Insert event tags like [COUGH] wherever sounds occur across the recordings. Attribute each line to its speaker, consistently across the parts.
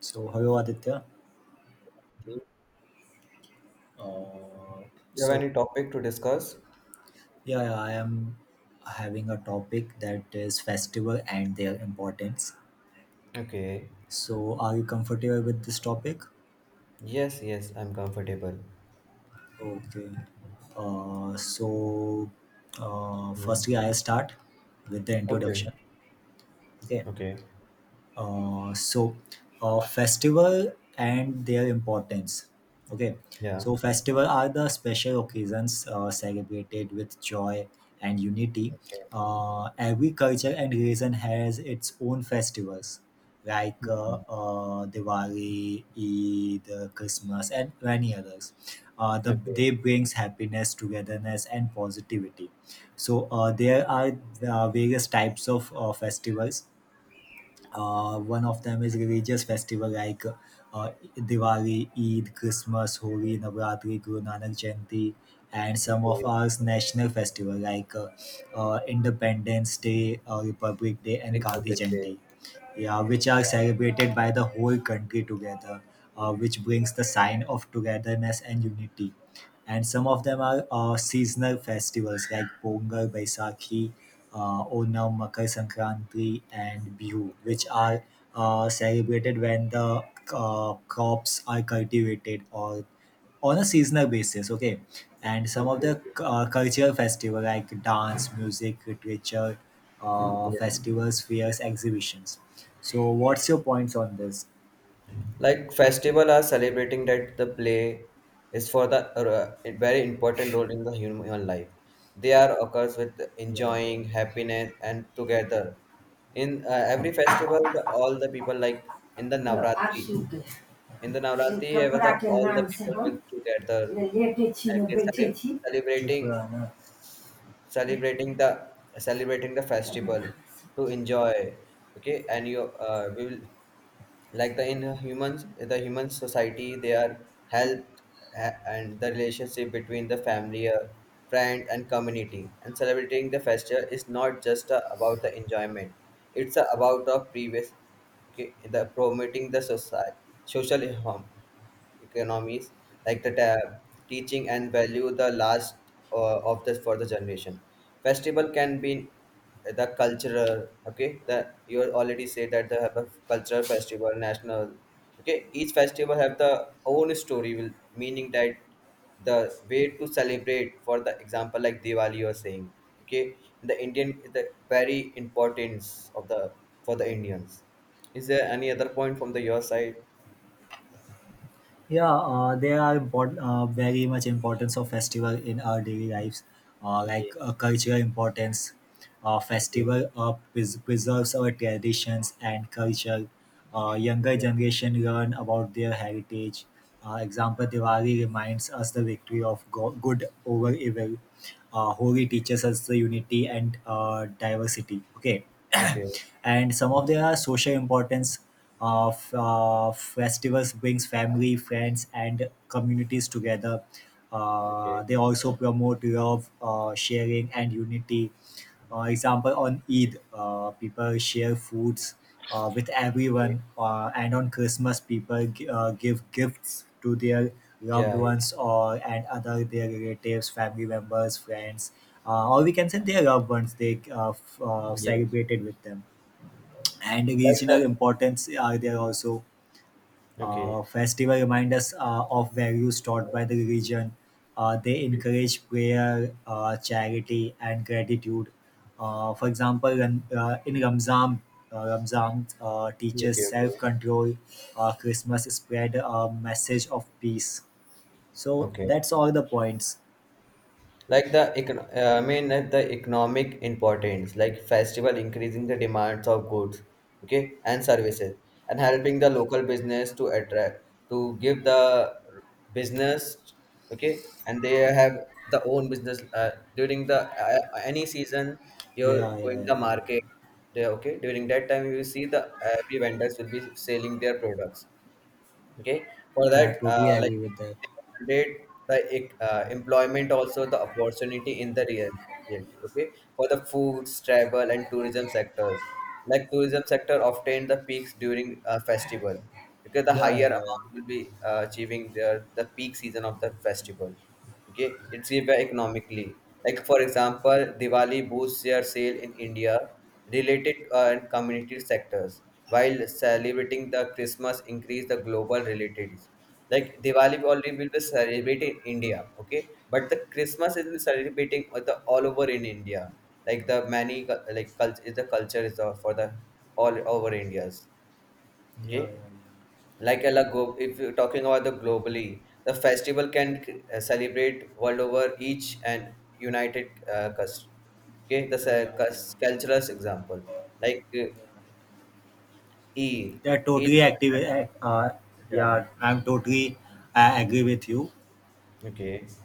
Speaker 1: So, hello Aditya.
Speaker 2: Do
Speaker 1: Uh,
Speaker 2: you have
Speaker 1: So,
Speaker 2: any topic to discuss?
Speaker 1: yeah, I am having a topic that is festival and their importance.
Speaker 2: Okay.
Speaker 1: So, are you comfortable with this topic?
Speaker 2: Yes, yes, I'm comfortable.
Speaker 1: Okay. Uh, so,
Speaker 2: Hmm.
Speaker 1: firstly, I'll start with the
Speaker 2: Okay,
Speaker 1: introduction. Okay.
Speaker 2: okay.
Speaker 1: uh, so festival and their importance, okay.
Speaker 2: Yeah.
Speaker 1: So festival are the special occasions, celebrated with joy and unity.
Speaker 2: Okay.
Speaker 1: Every culture and region has its own festivals like
Speaker 2: Hmm.
Speaker 1: Diwali, Eid, Christmas, and many others.
Speaker 2: Okay.
Speaker 1: They brings happiness, togetherness, and positivity. So there are various types of festivals. One of them is religious festival like Diwali, Eid, Christmas, Holi, Navratri, Guru Nanak Jayanti, and some of
Speaker 2: Okay.
Speaker 1: our national festival like Independence Day, Republic Day, and Gandhi
Speaker 2: Republic Day.
Speaker 1: Jayanti. Yeah, which are celebrated by the whole country together, which brings the sign of togetherness and unity. And some of them are seasonal festivals like Pongal, Baisakhi, Onam, Makar Sankranti, and Bihu, which
Speaker 2: Okay.
Speaker 1: are celebrated when the crops are cultivated or on a seasonal basis. Okay, and
Speaker 2: Okay.
Speaker 1: some of the
Speaker 2: Okay.
Speaker 1: cultural festival like dance, music, literature,
Speaker 2: Yeah.
Speaker 1: festivals, fairs, exhibitions. So, what's your points on this?
Speaker 2: Like festival are celebrating that the play is for the a very important role in the human life. They are occurs with
Speaker 1: Yeah,
Speaker 2: enjoying
Speaker 1: yeah,
Speaker 2: happiness and together. In every festival, all the people like
Speaker 1: yeah.
Speaker 2: in the
Speaker 1: No,
Speaker 2: Navratri.
Speaker 1: absolutely.
Speaker 2: In the
Speaker 1: E
Speaker 2: Navratri,
Speaker 1: कपड़ाके
Speaker 2: all the
Speaker 1: नामसँ
Speaker 2: people will
Speaker 1: हम
Speaker 2: together
Speaker 1: लेटै छी
Speaker 2: and
Speaker 1: ने
Speaker 2: they
Speaker 1: बैठै छी चुप
Speaker 2: celebrating
Speaker 1: रहना
Speaker 2: celebrating the celebrating the festival
Speaker 1: जबरदस्त.
Speaker 2: to enjoy. Okay, and you we will like the in humans the human society they are health and the relationship between the family, friend, and community, and celebrating the festival is not just about the enjoyment. It's about the previous. Okay, in the promoting the society social economies, like the teaching and value the last of the for the generation. Festival can be the cultural. Okay, the you already said that they have a cultural festival national. Okay, each festival have the own story will meaning that the way to celebrate, for the example like Diwali you're saying. Okay, the Indian the very importance of the for the Indians. Is there any other point from the your side?
Speaker 1: Yeah, there are important, very much importance of festival in our daily lives, like
Speaker 2: Okay.
Speaker 1: cultural importance. Uh,
Speaker 2: Okay,
Speaker 1: festival uh, pres- preserves our traditions and culture. Younger
Speaker 2: okay,
Speaker 1: generation learn about their heritage. Example, Diwali reminds us the victory of good over evil. Holi teaches us the unity and diversity. Okay,
Speaker 2: okay,
Speaker 1: [CLEARS THROAT] and some of their social importance of festivals brings family friends and communities together.
Speaker 2: okay,
Speaker 1: They also promote love, sharing and unity. Example, on eid people share foods with
Speaker 2: okay.
Speaker 1: everyone, and on christmas people give gifts to their loved
Speaker 2: Yeah. Yeah.
Speaker 1: ones or and other their relatives family members friends, or we can say their loved ones, they
Speaker 2: Yes.
Speaker 1: celebrated with them. And
Speaker 2: Like the.
Speaker 1: regional importance are there also.
Speaker 2: Okay,
Speaker 1: Festival remind us of values taught by the religion. They encourage prayer, charity, and gratitude. For example, in Ramzan, Ramzan teaches
Speaker 2: okay, okay,
Speaker 1: self-control. Christmas spread a message of peace. So
Speaker 2: okay.
Speaker 1: that's all the points.
Speaker 2: like the econ- I mean like the economic importance like festival increasing the demands of goods okay and services and helping the local business to attract to give the business okay and they have the own business during the any season you're
Speaker 1: Yeah, yeah, yeah,
Speaker 2: going
Speaker 1: yeah,
Speaker 2: the market
Speaker 1: yeah.
Speaker 2: there okay during that time you will see the every vendors will be selling their products okay for
Speaker 1: Yeah,
Speaker 2: that
Speaker 1: totally
Speaker 2: like
Speaker 1: agree with that.
Speaker 2: they can the ec- employment also the opportunity in the real- reality okay for the foods travel and tourism sectors like tourism sector obtain the peaks during a festival because the
Speaker 1: Yeah, yeah,
Speaker 2: higher
Speaker 1: yeah,
Speaker 2: amount will be achieving their the peak season of the festival okay it's give economically like for example diwali boosts their sale in india related and community sectors while celebrating the christmas increase the global relatives like diwali already will be celebrated in india okay but the christmas is celebrating with the all over in india like the many cu- like culture is the, for the all over indias
Speaker 1: yeah, yeah, yeah,
Speaker 2: okay
Speaker 1: yeah,
Speaker 2: like a la- glo- if you're talking about the globally the festival can celebrate world over each and united cus- okay the
Speaker 1: yeah, yeah,
Speaker 2: cus- cultural example like
Speaker 1: yeah, yeah.
Speaker 2: eid
Speaker 1: Yeah,
Speaker 2: eid
Speaker 1: totally active.
Speaker 2: yeah
Speaker 1: Yeah, I'm totally agree with you.
Speaker 2: okay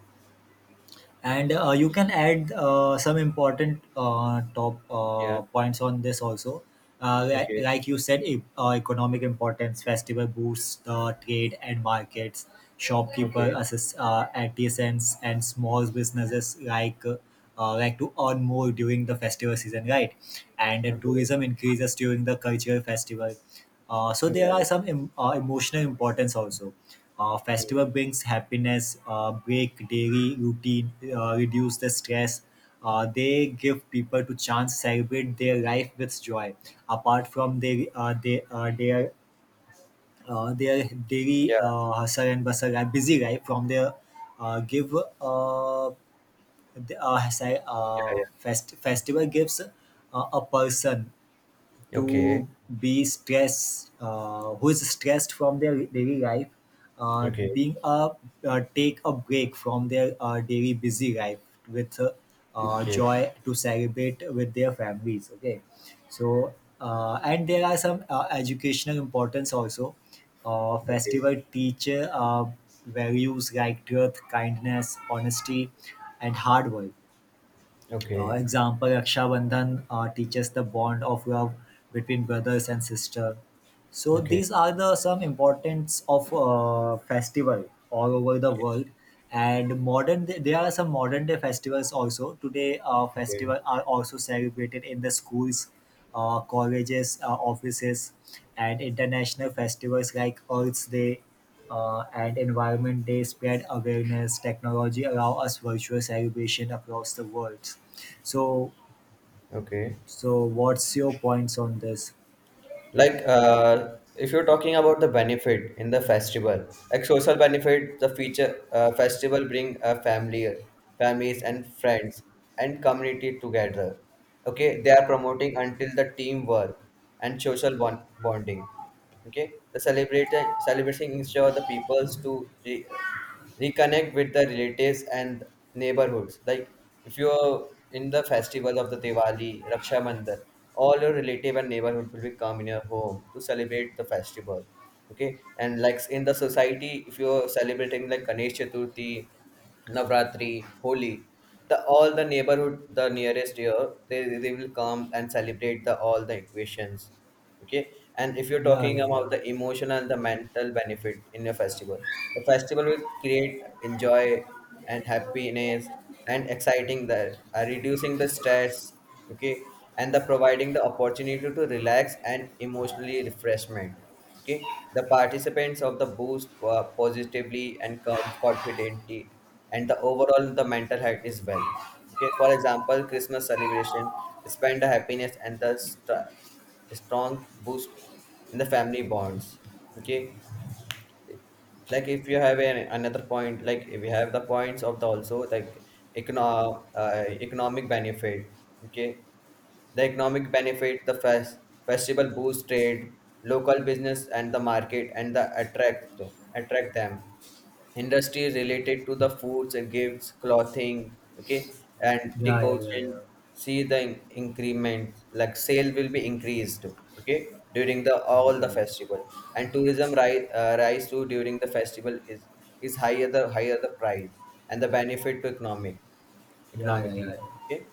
Speaker 1: And you can add some important top
Speaker 2: yeah
Speaker 1: points on this also.
Speaker 2: okay
Speaker 1: Like you said, economic importance, festival boosts the trade and markets, shopkeeper,
Speaker 2: okay
Speaker 1: assist, artisans, and small businesses like to earn more during the festival season, right? And the
Speaker 2: okay
Speaker 1: tourism increases during the cultural festival. So
Speaker 2: yeah
Speaker 1: there are
Speaker 2: yeah
Speaker 1: some emotional importance also. Festival
Speaker 2: Mm.
Speaker 1: brings happiness, break daily routine, reduce the stress. They give people to chance celebrate their life with joy, apart from their daily
Speaker 2: yeah
Speaker 1: hustle and bustle, busy life. From their give the si-
Speaker 2: yeah, yeah.
Speaker 1: fest- Festival gives a person
Speaker 2: okay
Speaker 1: to be stressed, who is stressed from their daily life,
Speaker 2: okay
Speaker 1: being a take a break from their daily busy life with
Speaker 2: okay
Speaker 1: joy to celebrate with their families, okay? So and there are some educational importance also.
Speaker 2: okay
Speaker 1: Festival teacher values like truth, kindness, honesty and hard work.
Speaker 2: okay
Speaker 1: Example, Raksha Bandhan teaches the bond of love between brothers and sister. So
Speaker 2: okay,
Speaker 1: these are the some importance of festival all over the
Speaker 2: okay,
Speaker 1: world. And modern day, there are some modern day festivals also. Today,
Speaker 2: okay,
Speaker 1: festival are also celebrated in the schools, colleges, offices, and international festivals like Earth Day and Environment Day spread awareness. Technology allow us virtual celebration across the world. So,
Speaker 2: okay.
Speaker 1: so what's your points on this?
Speaker 2: Like if you're talking about the benefit in the festival, like social benefit. The feature festival bring family families and friends and community together. Okay, they are promoting until the teamwork and social bonding. Okay, the celebrating ensure the peoples to reconnect with the relatives and neighborhoods. Like if you're in the festival of the Diwali, Raksha Bandhan, all your relative and neighborhood will be come in your home to celebrate the festival. Okay, and like in the society, if you're celebrating like Ganesh Chaturthi, Navratri, Holi, the all the neighborhood, the nearest year, they will come and celebrate the all the equations. Okay, and if you're
Speaker 1: Yeah,
Speaker 2: talking
Speaker 1: yeah,
Speaker 2: about
Speaker 1: yeah,
Speaker 2: the emotional and the mental benefit in a festival, the festival will create enjoy and happiness and exciting there, reducing the stress. Okay, and the providing the opportunity to relax and emotionally refreshment. Okay, the participants of the boost positively and confidently, and the overall the mental health is well. Okay, for example Christmas celebration spend the happiness and the stress, a strong boost in the family bonds. Okay, like if you have another point, like if you have the points of the also like economic benefit. Okay, the economic benefit, the festival boost trade local business and the market, and the attract them industries related to the foods and gifts clothing. Okay, and
Speaker 1: yeah, yeah, yeah, yeah,
Speaker 2: decoction, see the increment, like sale will be increased. Okay, during the all
Speaker 1: yeah,
Speaker 2: the festival, and tourism rise, too, during the festival is higher the price, and the benefit to economic
Speaker 1: yeah, yeah,
Speaker 2: economically.
Speaker 1: yeah.
Speaker 2: Okay.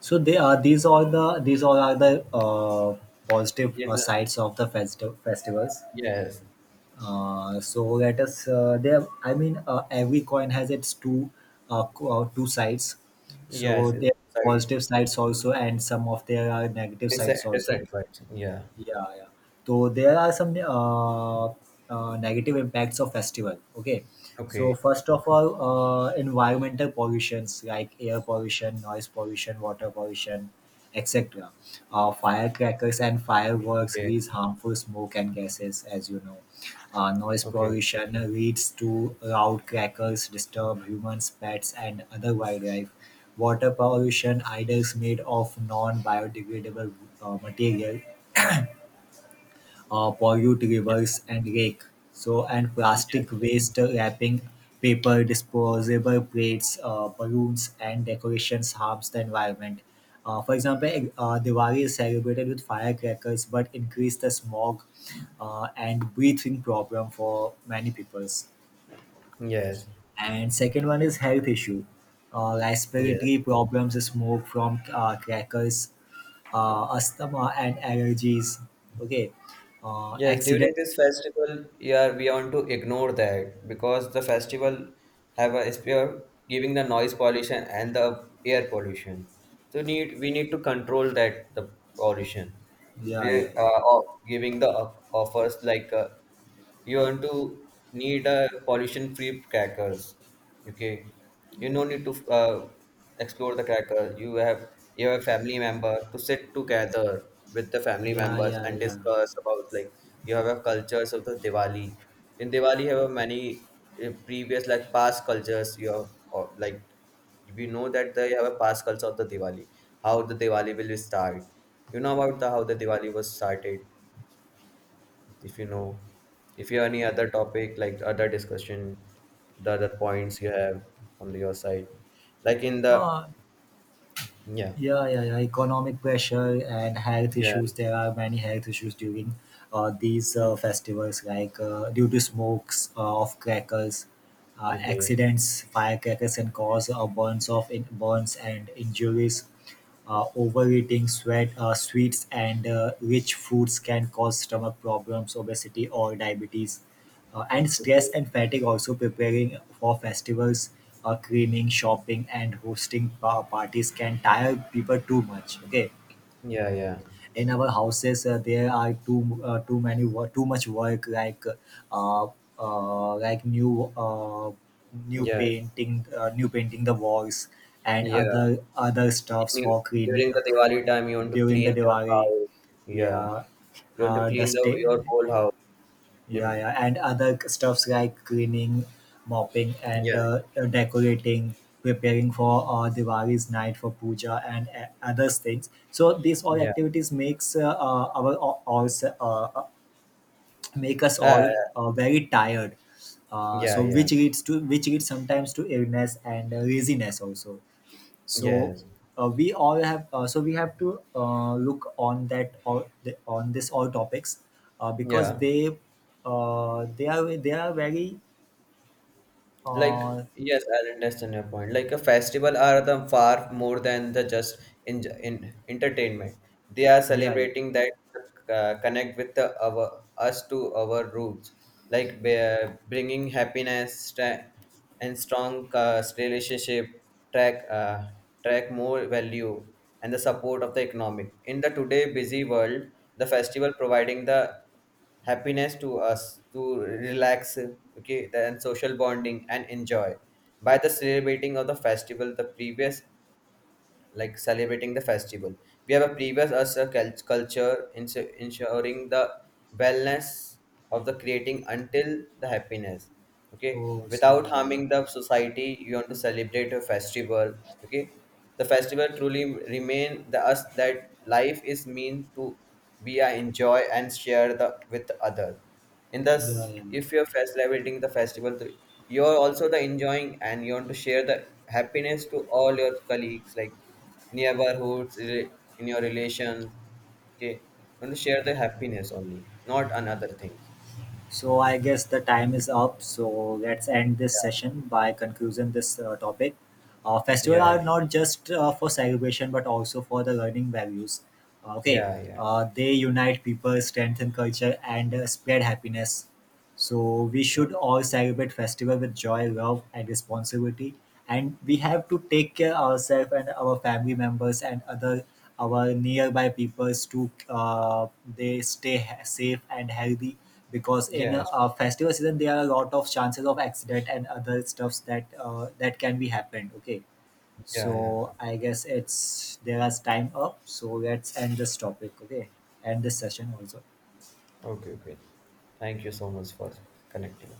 Speaker 1: So they are these all are the positive
Speaker 2: Yes,
Speaker 1: sides of the festivals.
Speaker 2: yes,
Speaker 1: So let us there. I mean, every coin has its two two sides.
Speaker 2: yes.
Speaker 1: So there are
Speaker 2: Sorry.
Speaker 1: positive sides also, and some of there are negative
Speaker 2: this
Speaker 1: sides
Speaker 2: this
Speaker 1: also.
Speaker 2: right. Yeah.
Speaker 1: Yeah, yeah. So there are some negative impacts of festival. Okay, so
Speaker 2: Okay,
Speaker 1: first of all, environmental pollutions like air pollution, noise pollution, water pollution, etc. Firecrackers and fireworks
Speaker 2: okay,
Speaker 1: release harmful smoke and gases, as you know. Noise
Speaker 2: okay.
Speaker 1: pollution leads to loud crackers, disturb humans, pets, and other wildlife. Water pollution, idols made of non-biodegradable material pollute
Speaker 2: Yeah.
Speaker 1: rivers and lake. So and
Speaker 2: Yes,
Speaker 1: plastic
Speaker 2: yes,
Speaker 1: waste wrapping paper, disposable plates, balloons, and decorations harms the environment. For example, Diwali is celebrated with firecrackers, but increase the smog and breathing problem for many peoples.
Speaker 2: yes,
Speaker 1: And second one is health issue,
Speaker 2: yes.
Speaker 1: respiratory problems, smoke from crackers, asthma and allergies. Okay,
Speaker 2: Yes, during
Speaker 1: accident.
Speaker 2: this festival, yeah, we want to ignore that because the festival have a spear giving the noise pollution and the air pollution. So need we need to control that the pollution. We
Speaker 1: Yeah, yeah,
Speaker 2: are
Speaker 1: yeah.
Speaker 2: giving the offers like, you want to need a pollution free crackers. Okay, you no need to explore the cracker. You have a family member to sit together with the family
Speaker 1: Yeah,
Speaker 2: members
Speaker 1: yeah,
Speaker 2: and
Speaker 1: yeah.
Speaker 2: discuss about like you have a cultures of the Diwali. In Diwali you have many previous like past cultures you have, or like we know that they have a past culture of the Diwali. How the Diwali will start? You know about the how the Diwali was started? If you know, if you have any other topic like other discussion, the other points you have from your side, like in the.
Speaker 1: Uh,
Speaker 2: Yeah,
Speaker 1: yeah, yeah, yeah. Economic pressure and health
Speaker 2: yeah.
Speaker 1: issues. There are many health issues during these
Speaker 2: Hmm.
Speaker 1: festivals, like due to smokes of crackers,
Speaker 2: Okay,
Speaker 1: accidents, firecrackers, and cause burns and injuries. Overeating sweet, sweets and rich foods can cause stomach problems, obesity, or diabetes, and stress
Speaker 2: okay.
Speaker 1: and fatigue. Also, preparing for festivals, cleaning, shopping, and hosting parties can tire people too much. Okay,
Speaker 2: Yeah, yeah,
Speaker 1: in our houses, there are too too many wo- too much work like uh, uh, like new uh,
Speaker 2: yeah.
Speaker 1: new painting the walls and
Speaker 2: Yeah.
Speaker 1: other other stuffs
Speaker 2: You-
Speaker 1: for cleaning
Speaker 2: during the Diwali time you want to
Speaker 1: during the
Speaker 2: clean your
Speaker 1: Diwali.
Speaker 2: house. Yeah,
Speaker 1: Yeah,
Speaker 2: you want to clean the
Speaker 1: dusty.
Speaker 2: your whole house.
Speaker 1: Yeah,
Speaker 2: Im-
Speaker 1: yeah, and other stuffs like cleaning, mopping, and
Speaker 2: yeah
Speaker 1: decorating, preparing for Diwali's night for puja and other things. So these all
Speaker 2: yeah.
Speaker 1: activities uh, uh, make us
Speaker 2: uh,
Speaker 1: all very tired.
Speaker 2: yeah yeah.
Speaker 1: Which leads sometimes to illness and laziness also. so
Speaker 2: Yes.
Speaker 1: we all have so we have to look on that or the, on this all topics, because
Speaker 2: Yeah.
Speaker 1: they are very
Speaker 2: Like,
Speaker 1: uh,
Speaker 2: yes, I understand your point. Like a festival are the far more than the just in entertainment. They are
Speaker 1: yeah, yeah,
Speaker 2: celebrating that, connect with our us to our roots, like bringing happiness, and strong relationship, track uh, track more value, and the support of the economic in the today busy world. The festival providing the happiness to us to relax. Okay, and social bonding and enjoy by the celebrating of the festival the previous, like celebrating the festival. We have a previous us a culture ensuring the wellness of the creating until the happiness. Okay,
Speaker 1: oh
Speaker 2: without
Speaker 1: yeah, yeah, yeah,
Speaker 2: harming the society, you want to celebrate a festival. Okay, the festival truly remain the us that life is mean to be a enjoy and share the with other in the.
Speaker 1: yeah, yeah,
Speaker 2: If you're
Speaker 1: yeah,
Speaker 2: fest celebrating the festival, you're also the enjoying and you want to share the happiness to all your colleagues like neighborhoods in your relations. Okay, you want to share the
Speaker 1: yeah.
Speaker 2: happiness only, not another things.
Speaker 1: So I guess the time is up. So let's end this session by concluding this topic. Festivals
Speaker 2: Yeah,
Speaker 1: are not just for celebration, but also for the learning values. Okay,
Speaker 2: yeah, yeah, yeah,
Speaker 1: they unite people, strengthen culture, and spread happiness. So we
Speaker 2: yeah,
Speaker 1: should all celebrate festival with joy, love, and responsibility. And we have to take care ourselves and our family members and other our nearby peoples to safe and healthy, because in
Speaker 2: yeah,
Speaker 1: festival season there are a lot of chances of accident and other stuffs that that can be happened. Okay,
Speaker 2: yeah, yeah.
Speaker 1: so I guess it's there is time up. So let's end this topic. Okay, end this session also.
Speaker 2: Okay, okay. Thank you so much for connecting.